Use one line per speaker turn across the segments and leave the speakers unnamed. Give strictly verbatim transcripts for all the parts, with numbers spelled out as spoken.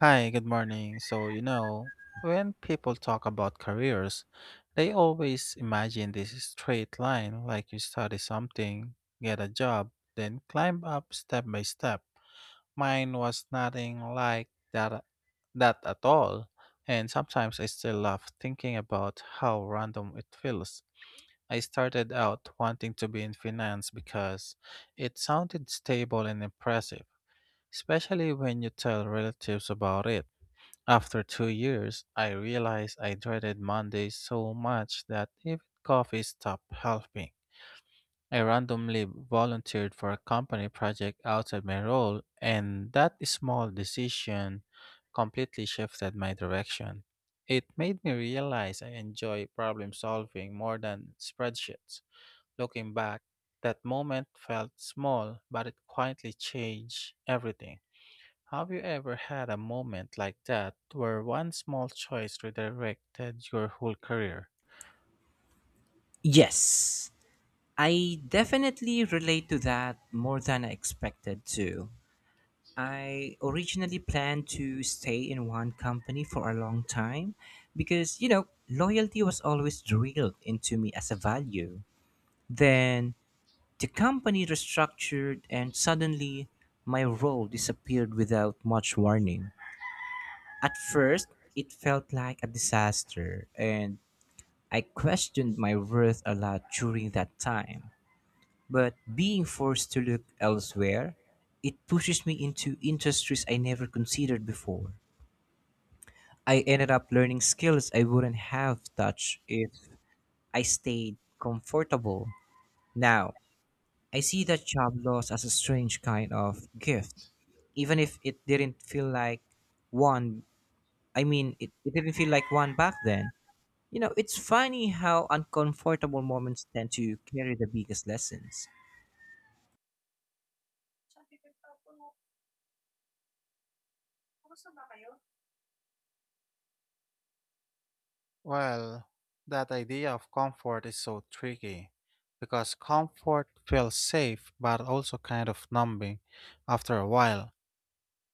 Hi, good morning. So, you know, when people talk about careers, they always imagine this straight line like you study something, get a job, then climb up step by step. Mine was nothing like that that at all. And sometimes I still laugh thinking about how random it feels. I started out wanting to be in finance because it sounded stable and impressive, especially when you tell relatives about it. After two years, I realized I dreaded Mondays so much that even coffee stopped helping. I randomly volunteered for a company project outside my role, and that small decision completely shifted my direction. It made me realize I enjoy problem solving more than spreadsheets. Looking back, that moment felt small, but it quietly changed everything. Have you ever had a moment like that where one small choice redirected your whole career?
Yes, I definitely relate to that more than I expected to. I originally planned to stay in one company for a long time because, you know, loyalty was always drilled into me as a value. Then the company restructured and suddenly my role disappeared without much warning. At first, it felt like a disaster and I questioned my worth a lot during that time. But being forced to look elsewhere, it pushes me into industries I never considered before. I ended up learning skills I wouldn't have touched if I stayed comfortable. Now, I see that job loss as a strange kind of gift. Even if it didn't feel like one, I mean, it, it didn't feel like one back then. You know, it's funny how uncomfortable moments tend to carry the biggest lessons.
Well, that idea of comfort is so tricky because comfort feels safe but also kind of numbing after a while.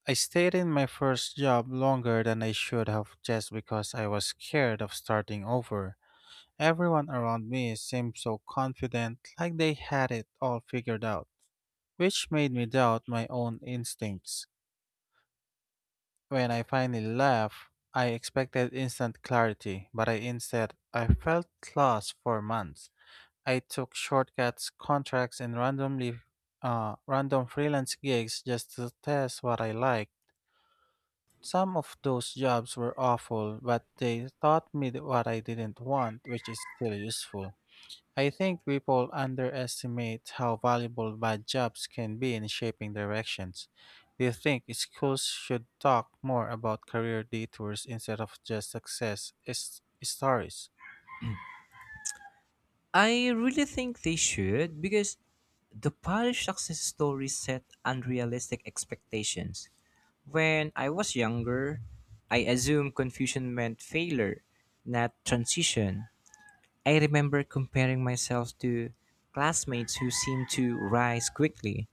I stayed in my first job longer than I should have just because I was scared of starting over. Everyone around me seemed so confident, like they had it all figured out, which made me doubt my own instincts. When I finally left, I expected instant clarity, but I instead I felt lost for months. I took shortcuts, contracts, and randomly uh, random freelance gigs just to test what I liked. Some of those jobs were awful, but they taught me th- what I didn't want, which is still useful. I think people underestimate how valuable bad jobs can be in shaping directions. Do you think schools should talk more about career detours instead of just success is- stories?
I really think they should because the Polish success story set unrealistic expectations. When I was younger, I assumed confusion meant failure, not transition. I remember comparing myself to classmates who seemed to rise quickly.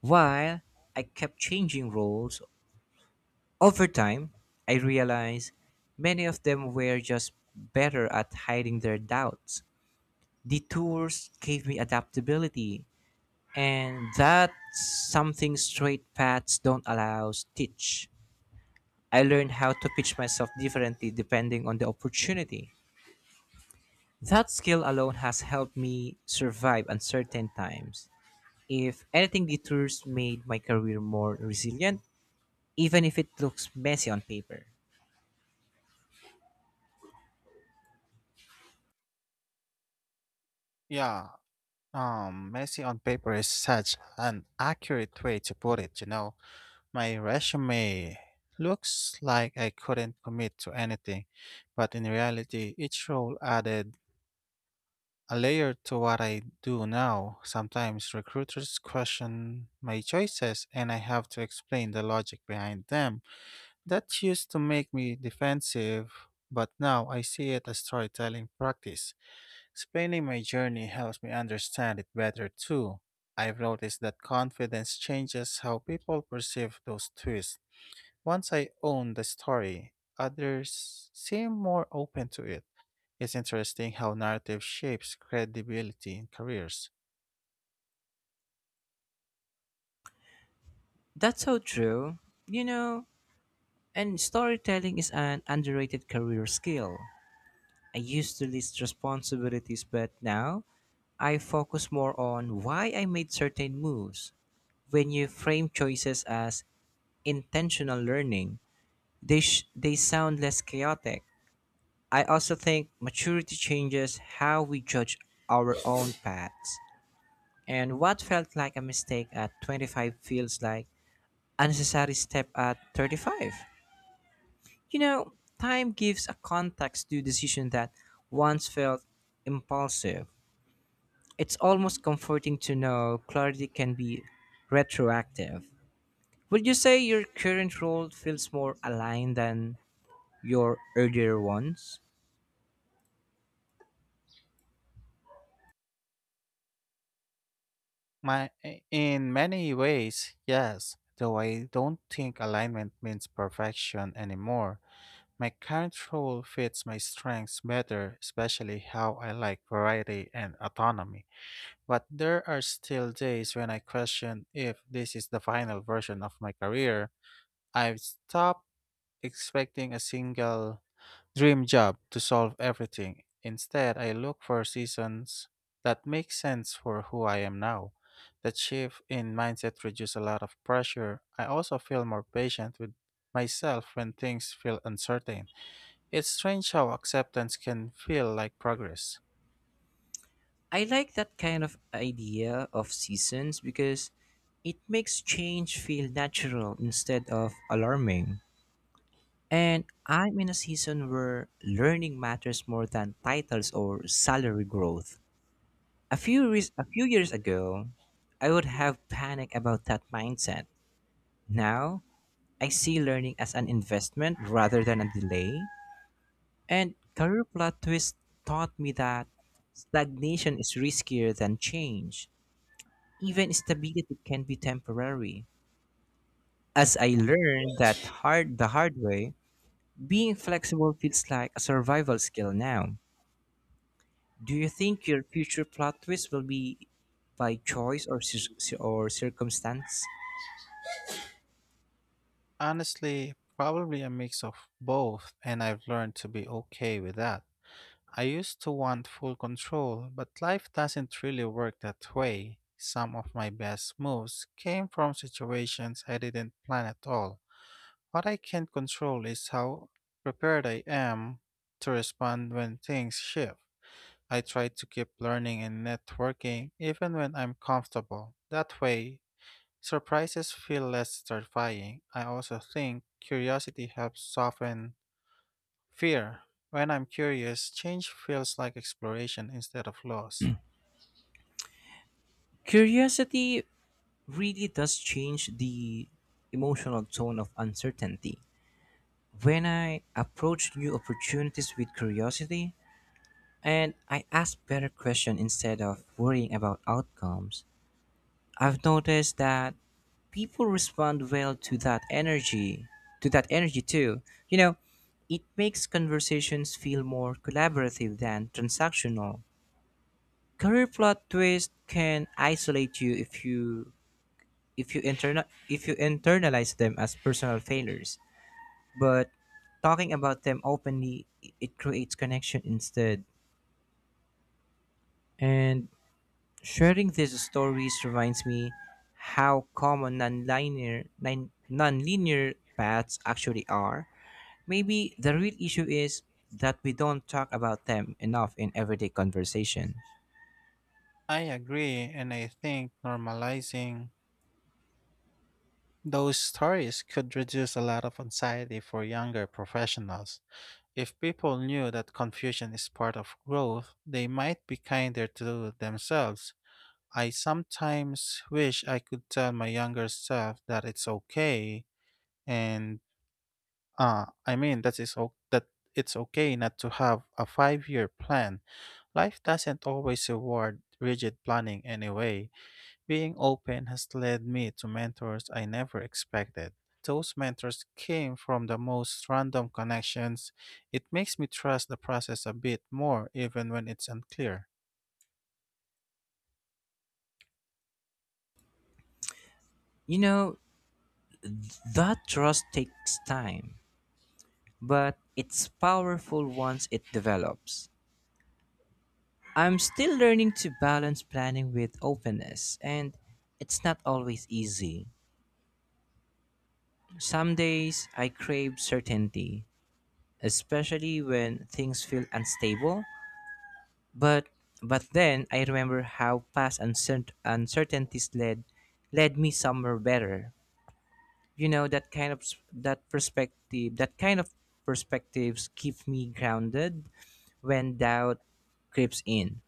While I kept changing roles, over time, I realized many of them were just better at hiding their doubts. The tours gave me adaptability, and that's something straight paths don't allow us teach. I learned how to pitch myself differently depending on the opportunity. That skill alone has helped me survive uncertain times. If anything, the tours made my career more resilient, even if it looks messy on paper.
Yeah, um, messy on paper is such an accurate way to put it, you know. My resume looks like I couldn't commit to anything, but in reality, each role added a layer to what I do now. Sometimes recruiters question my choices and I have to explain the logic behind them. That used to make me defensive, but now I see it as storytelling practice. Explaining my journey helps me understand it better too. I've noticed that confidence changes how people perceive those twists. Once I own the story, others seem more open to it. It's interesting how narrative shapes credibility in careers.
That's so true. You know, and storytelling is an underrated career skill. I used to list responsibilities, but now I focus more on why I made certain moves. When you frame choices as intentional learning, they, sh- they sound less chaotic. I also think maturity changes how we judge our own paths. And what felt like a mistake at twenty-five feels like a necessary step at thirty-five. You know, time gives a context to decisions that once felt impulsive. It's almost comforting to know clarity can be retroactive. Would you say your current role feels more aligned than your earlier ones?
My, in many ways, yes, though I don't think alignment means perfection anymore. My current role fits my strengths better, especially how I like variety and autonomy. But there are still days when I question if this is the final version of my career. I've stopped expecting a single dream job to solve everything. Instead, I look for seasons that make sense for who I am now. That shift in mindset reduces a lot of pressure. I also feel more patient with myself when things feel uncertain. It's strange how acceptance can feel like progress.
I like that kind of idea of seasons because it makes change feel natural instead of alarming. And I'm in a season where learning matters more than titles or salary growth. A few, re- a few years ago, I would have panic about that mindset. Now, I see learning as an investment rather than a delay. And career plot twist taught me that stagnation is riskier than change. Even stability can be temporary. As I learned that hard the hard way, being flexible feels like a survival skill now. Do you think your future plot twist will be by choice or cir- cir- or circumstance?
Honestly, probably a mix of both, and I've learned to be okay with that. I used to want full control, but life doesn't really work that way. Some of my best moves came from situations I didn't plan at all. What I can't control is how prepared I am to respond when things shift. I try to keep learning and networking even when I'm comfortable. That way, surprises feel less terrifying. I also think curiosity helps soften fear. When I'm curious, change feels like exploration instead of loss.
Curiosity really does change the emotional tone of uncertainty. When I approach new opportunities with curiosity and I ask better questions instead of worrying about outcomes, I've noticed that people respond well to that energy, to that energy too. You know, it makes conversations feel more collaborative than transactional. Career plot twist can isolate you if you if you interna- if you internalize them as personal failures. But talking about them openly, it creates connection instead, and sharing these stories reminds me how common non-linear nin- non-linear paths actually are. Maybe the real issue is that we don't talk about them enough in everyday conversation.
I agree, and I think normalizing those stories could reduce a lot of anxiety for younger professionals. If people knew that confusion is part of growth, they might be kinder to themselves. I sometimes wish I could tell my younger self that it's okay and Uh, I mean that is o- that it's okay not to have a five-year plan. Life doesn't always reward rigid planning anyway. Being open has led me to mentors I never expected. Those mentors came from the most random connections. It makes me trust the process a bit more, even when it's unclear.
You know, that trust takes time, but it's powerful once it develops. I'm still learning to balance planning with openness, and it's not always easy. Some days I crave certainty, especially when things feel unstable, but but then I remember how past uncert uncertainties led led me somewhere better. You know, that kind of s- that perspective, that kind of perspectives keep me grounded when doubt creeps in.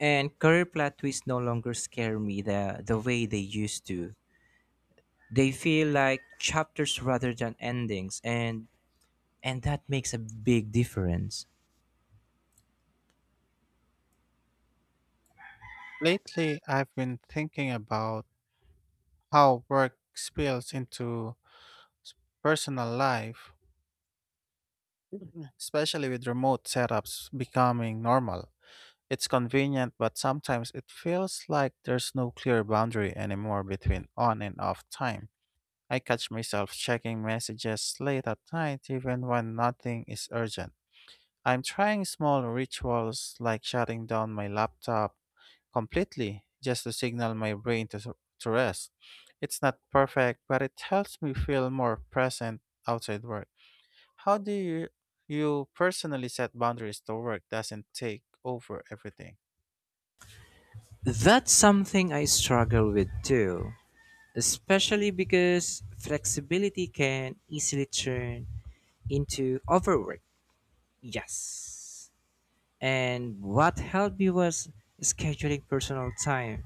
And career plot twists no longer scare me the, the way they used to. They feel like chapters rather than endings, and and that makes a big difference.
Lately, I've been thinking about how work spills into personal life, especially with remote setups becoming normal. It's convenient, but sometimes it feels like there's no clear boundary anymore between on and off time. I catch myself checking messages late at night even when nothing is urgent. I'm trying small rituals like shutting down my laptop completely just to signal my brain to, s- to rest. It's not perfect, but it helps me feel more present outside work. How do you, you personally set boundaries to work doesn't take over everything?
That's something I struggle with too, especially because flexibility can easily turn into overwork. Yes. And what helped me was scheduling personal time,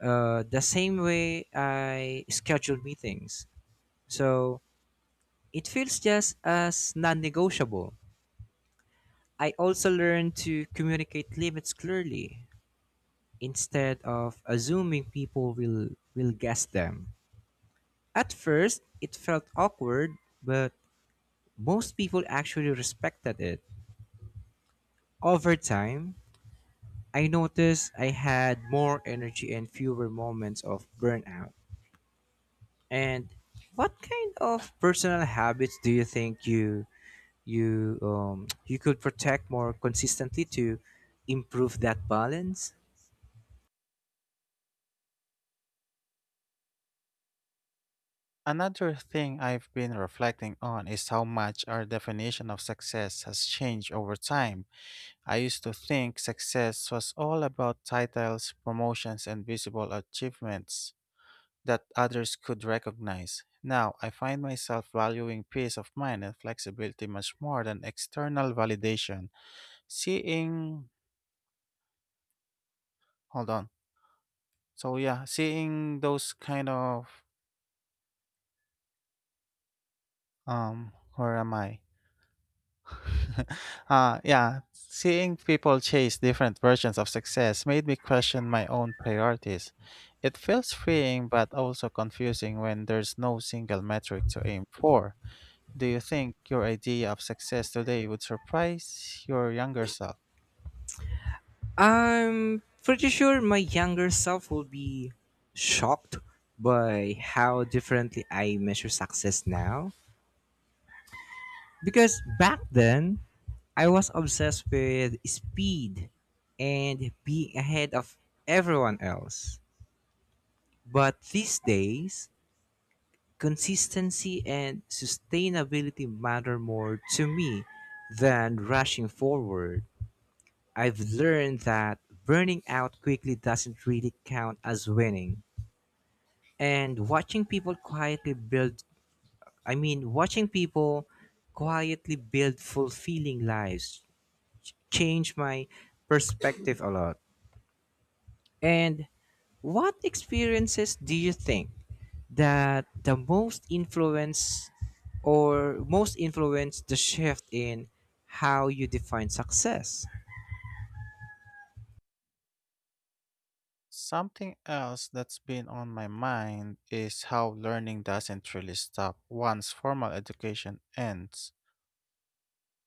uh, the same way I schedule meetings. So it feels just as non negotiable. I also learned to communicate limits clearly instead of assuming people will, will guess them. At first, it felt awkward, but most people actually respected it. Over time, I noticed I had more energy and fewer moments of burnout. And what kind of personal habits do you think you you um, you could protect more consistently to improve that balance?
Another thing I've been reflecting on is how much our definition of success has changed over time. I used to think success was all about titles, promotions, and visible achievements that others could recognize. Now, I find myself valuing peace of mind and flexibility much more than external validation. Seeing, Hold on. So, yeah, seeing those kind of, um, where am I? uh, yeah, Seeing people chase different versions of success made me question my own priorities. It feels freeing but also confusing when there's no single metric to aim for. Do you think your idea of success today would surprise your younger self?
I'm pretty sure my younger self will be shocked by how differently I measure success now, because back then I was obsessed with speed and being ahead of everyone else. But these days, consistency and sustainability matter more to me than rushing forward. I've learned that burning out quickly doesn't really count as winning. And watching people quietly build, I mean, watching people quietly build fulfilling lives changed my perspective a lot. And what experiences do you think that the most influence or most influence the shift in how you define success?
Something else that's been on my mind is how learning doesn't really stop once formal education ends.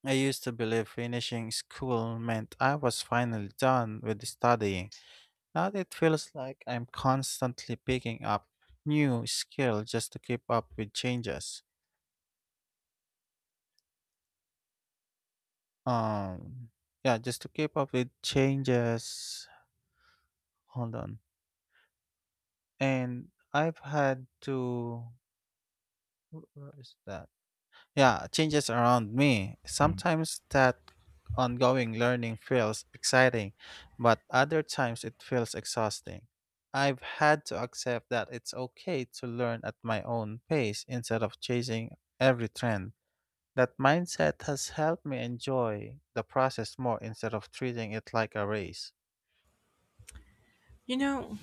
I used to believe finishing school meant I was finally done with studying. Now it feels like I'm constantly picking up new skill just to keep up with changes. Um, yeah, just to keep up with changes. Hold on. And I've had to. wh- Where is that? Yeah, changes around me. Sometimes that ongoing learning feels exciting, but other times it feels exhausting. I've had to accept that it's okay to learn at my own pace instead of chasing every trend. That mindset has helped me enjoy the process more instead of treating it like a race.
You know,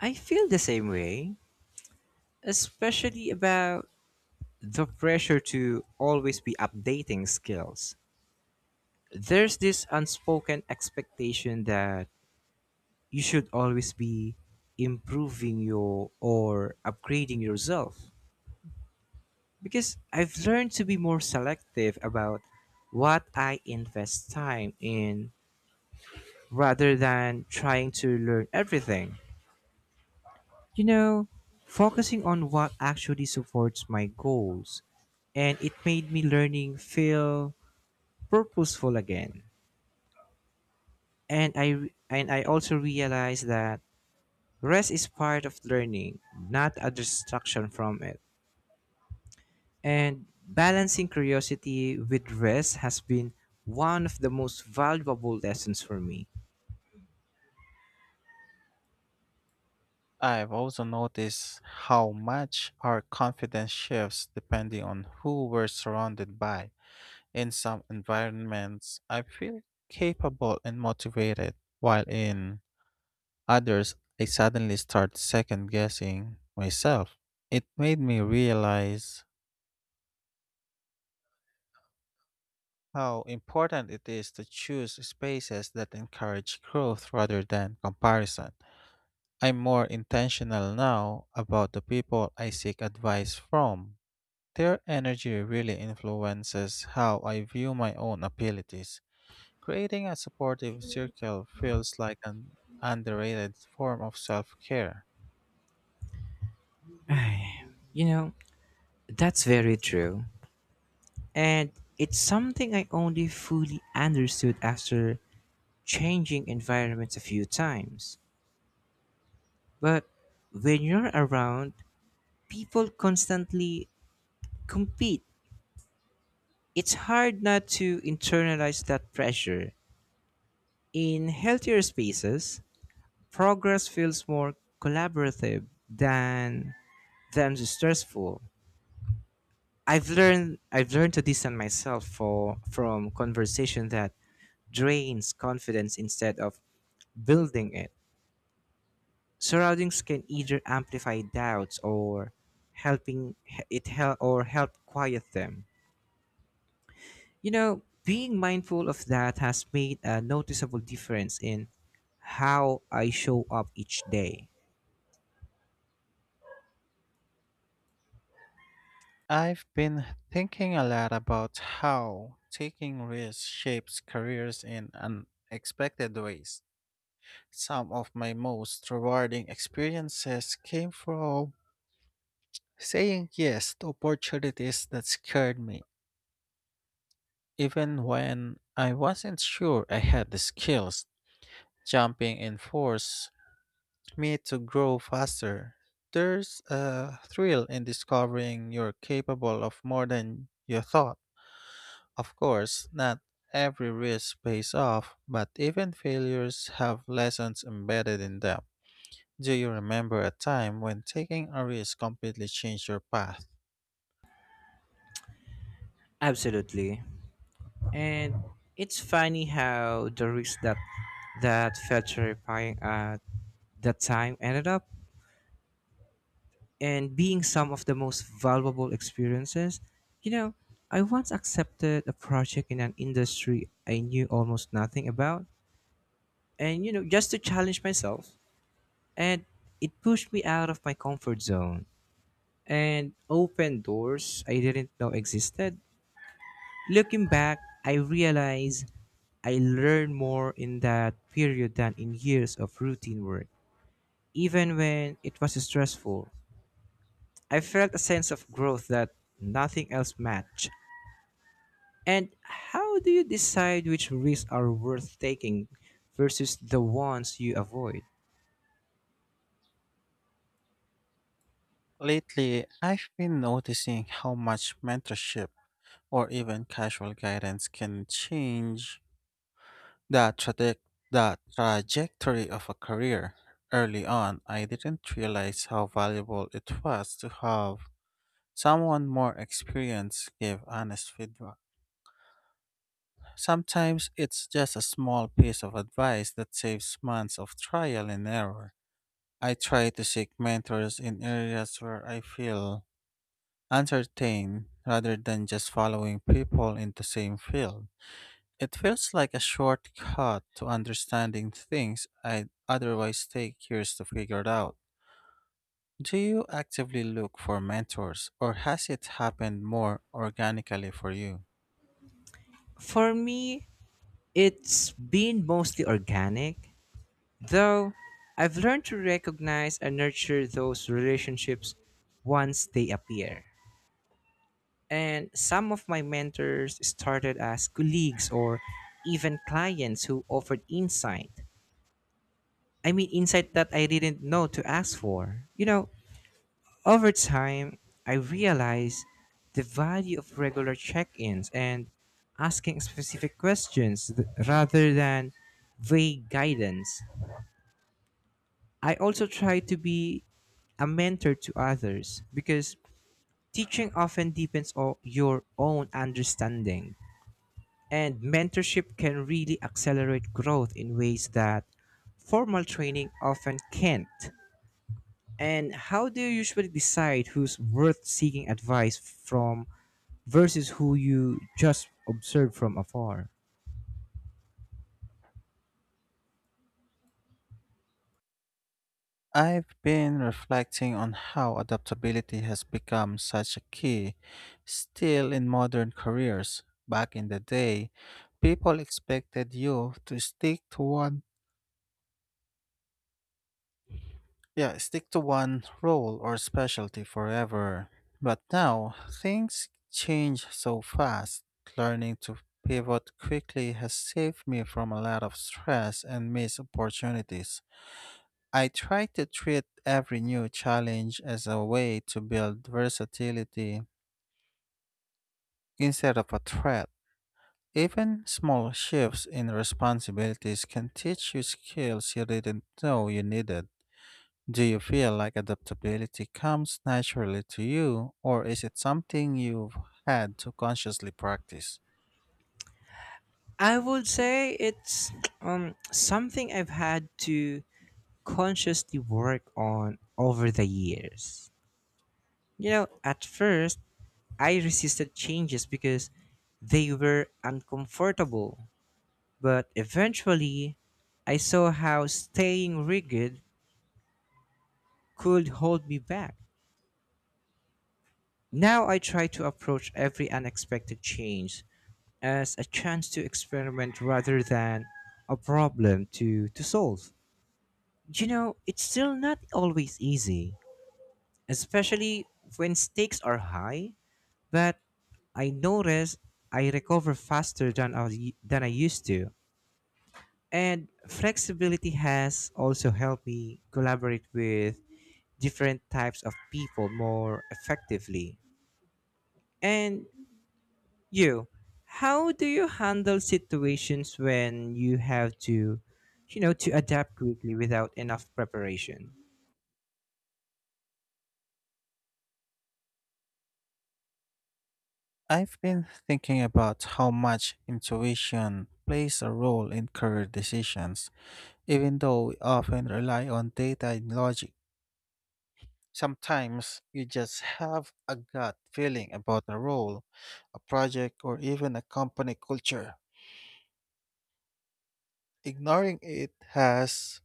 I feel the same way, especially about the pressure to always be updating skills. There's this unspoken expectation that you should always be improving your or upgrading yourself, because I've learned to be more selective about what I invest time in rather than trying to learn everything. You know, focusing on what actually supports my goals, and it made me learning feel purposeful again. And I and I also realized that rest is part of learning, not a distraction from it. And balancing curiosity with rest has been one of the most valuable lessons for me.
I've also noticed how much our confidence shifts depending on who we're surrounded by. In some environments, I feel capable and motivated, while in others, I suddenly start second guessing myself. It made me realize how important it is to choose spaces that encourage growth rather than comparison. I'm more intentional now about the people I seek advice from. Their energy really influences how I view my own abilities. Creating a supportive circle feels like an underrated form of self care.
Ay, you know, that's very true. And it's something I only fully understood after changing environments a few times. But when you're around, people constantly compete. It's hard not to internalize that pressure. In healthier spaces, progress feels more collaborative than than stressful. I've learned I've learned to distance myself for from conversation that drains confidence instead of building it. Surroundings can either amplify doubts or helping it help or help quiet them. You know, being mindful of that has made a noticeable difference in how I show up each day.
I've been thinking a lot about how taking risks shapes careers in unexpected ways. Some of my most rewarding experiences came from saying yes to opportunities that scared me, even when I wasn't sure I had the skills. Jumping in force me to grow faster. There's a thrill in discovering you're capable of more than you thought. Of course, not every risk pays off, but even failures have lessons embedded in them. Do you remember a time when taking a risk completely changed your path?
Absolutely. And it's funny how the risk that that felt terrifying at that time ended up and being some of the most valuable experiences. You know, I once accepted a project in an industry I knew almost nothing about, and you know, just to challenge myself. And it pushed me out of my comfort zone and opened doors I didn't know existed. Looking back, I realize I learned more in that period than in years of routine work. Even when it was stressful, I felt a sense of growth that nothing else matched. And how do you decide which risks are worth taking versus the ones you avoid?
Lately, I've been noticing how much mentorship or even casual guidance can change The, traje- the trajectory of a career. Early on, I didn't realize how valuable it was to have someone more experienced give honest feedback. Sometimes it's just a small piece of advice that saves months of trial and error. I try to seek mentors in areas where I feel entertained rather than just following people in the same field. It feels like a shortcut to understanding things I'd otherwise take years to figure it out. Do you actively look for mentors, or has it happened more organically for you?
For me, it's been mostly organic, though I've learned to recognize and nurture those relationships once they appear. And some of my mentors started as colleagues or even clients who offered insight. I mean, insight that I didn't know to ask for. You know, over time, I realized the value of regular check ins and asking specific questions th- rather than vague guidance. I also try to be a mentor to others because teaching often depends on your own understanding, and mentorship can really accelerate growth in ways that formal training often can't. And how do you usually decide who's worth seeking advice from versus who you just observe from afar?
I've been reflecting on how adaptability has become such a key still in modern careers. Back in the day, people expected you to stick to one Yeah, stick to one role or specialty forever. But now, things change so fast. Learning to pivot quickly has saved me from a lot of stress and missed opportunities. I try to treat every new challenge as a way to build versatility instead of a threat. Even small shifts in responsibilities can teach you skills you didn't know you needed. Do you feel like adaptability comes naturally to you, or is it something you've had to consciously practice?
I would say it's um something I've had to consciously work on over the years. You know, at first I resisted changes because they were uncomfortable, but eventually I saw how staying rigid could hold me back. Now I try to approach every unexpected change as a chance to experiment rather than a problem to, to solve. You know, it's still not always easy, especially when stakes are high, but I notice I recover faster than I, than I used to. And flexibility has also helped me collaborate with different types of people more effectively. And you how do you handle situations when you have to, you know, to adapt quickly without enough preparation?
I've been thinking about how much intuition plays a role in career decisions, even though we often rely on data and logic. Sometimes you just have a gut feeling about a role, a project, or even a company culture. Ignoring it has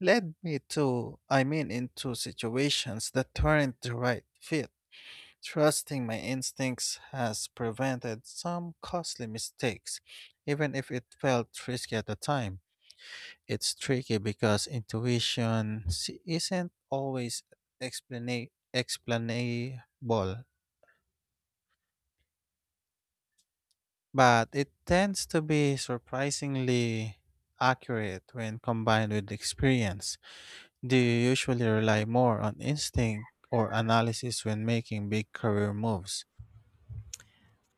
led me to, I mean, into situations that weren't the right fit. Trusting my instincts has prevented some costly mistakes, even if it felt risky at the time. It's tricky because intuition s- isn't always explana- explainable, but it tends to be surprisingly accurate when combined with experience. Do you usually rely more on instinct or analysis when making big career moves?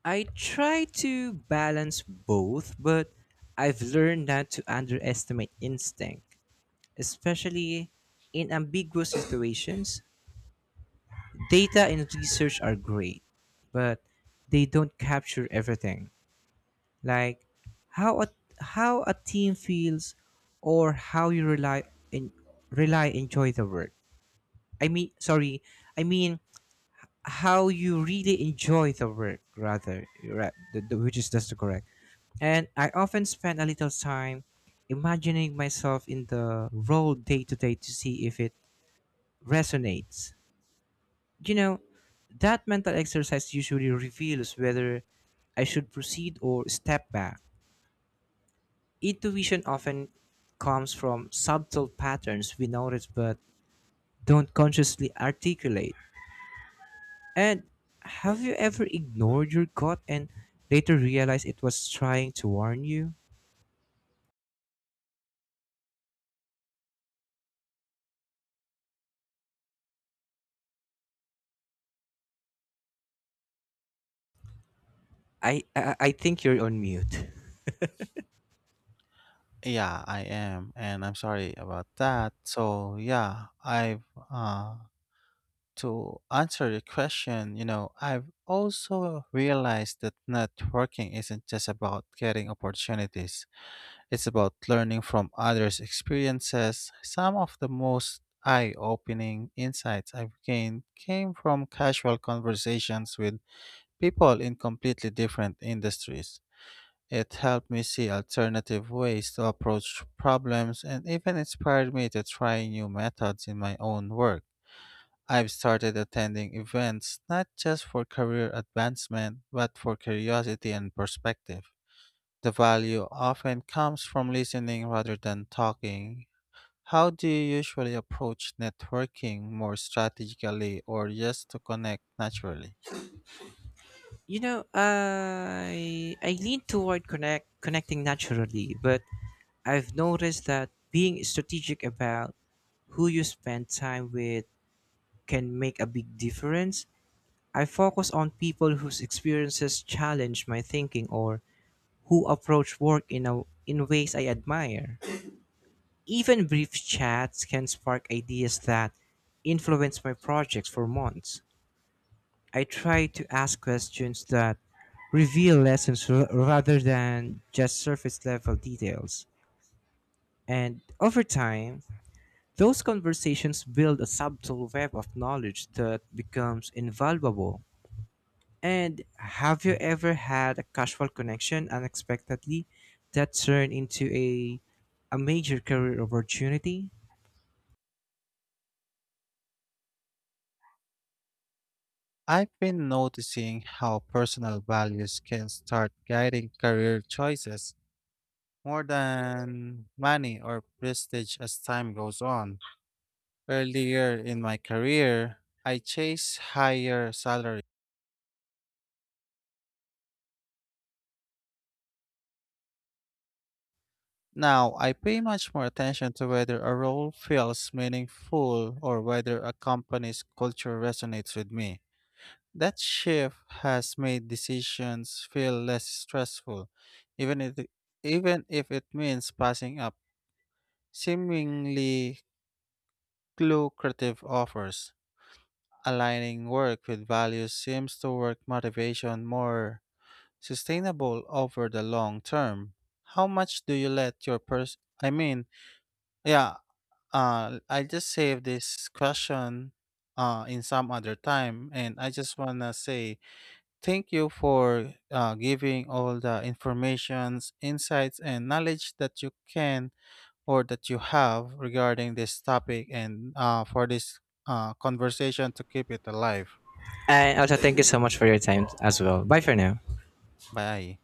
I try to balance both, but I've learned not to underestimate instinct, especially in ambiguous situations. Data and research are great, but they don't capture everything, like how a how a team feels or how you rely in rely enjoy the work. I mean, sorry, I mean, how you really enjoy the work rather right, the, the, which is just correct. And I often spend a little time imagining myself in the role day to day to see if it resonates. You know, that mental exercise usually reveals whether I should proceed or step back. Intuition often comes from subtle patterns we notice but don't consciously articulate. And have you ever ignored your gut and later realized it was trying to warn you? I I, I think you're on mute.
Yeah, I am, and I'm sorry about that. So, yeah, I've uh to answer the question, you know, I've also realized that networking isn't just about getting opportunities. It's about learning from others' experiences. Some of the most eye-opening insights I've gained came from casual conversations with people in completely different industries. It helped me see alternative ways to approach problems and even inspired me to try new methods in my own work. I've started attending events not just for career advancement, but for curiosity and perspective. The value often comes from listening rather than talking. How do you usually approach networking more strategically or just to connect naturally?
You know, I I lean toward connect connecting naturally, but I've noticed that being strategic about who you spend time with can make a big difference. I focus on people whose experiences challenge my thinking or who approach work in a, in ways I admire. Even brief chats can spark ideas that influence my projects for months. I try to ask questions that reveal lessons r- rather than just surface level details. And over time, those conversations build a subtle web of knowledge that becomes invaluable. And have you ever had a casual connection unexpectedly that turned into a a major career opportunity?
I've been noticing how personal values can start guiding career choices more than money or prestige as time goes on. Earlier in my career, I chased higher salary. Now, I pay much more attention to whether a role feels meaningful or whether a company's culture resonates with me. That shift has made decisions feel less stressful, even if, even if it means passing up seemingly lucrative offers. Aligning work with values seems to work motivation more sustainable over the long term. How much do you let your person? I mean, yeah, uh, I just saved this question uh, in some other time, and I just wanna say thank you for uh, giving all the informations, insights, and knowledge that you can or that you have regarding this topic, and uh, for this uh, conversation to keep it alive.
And also thank you so much for your time as well. Bye for now.
Bye.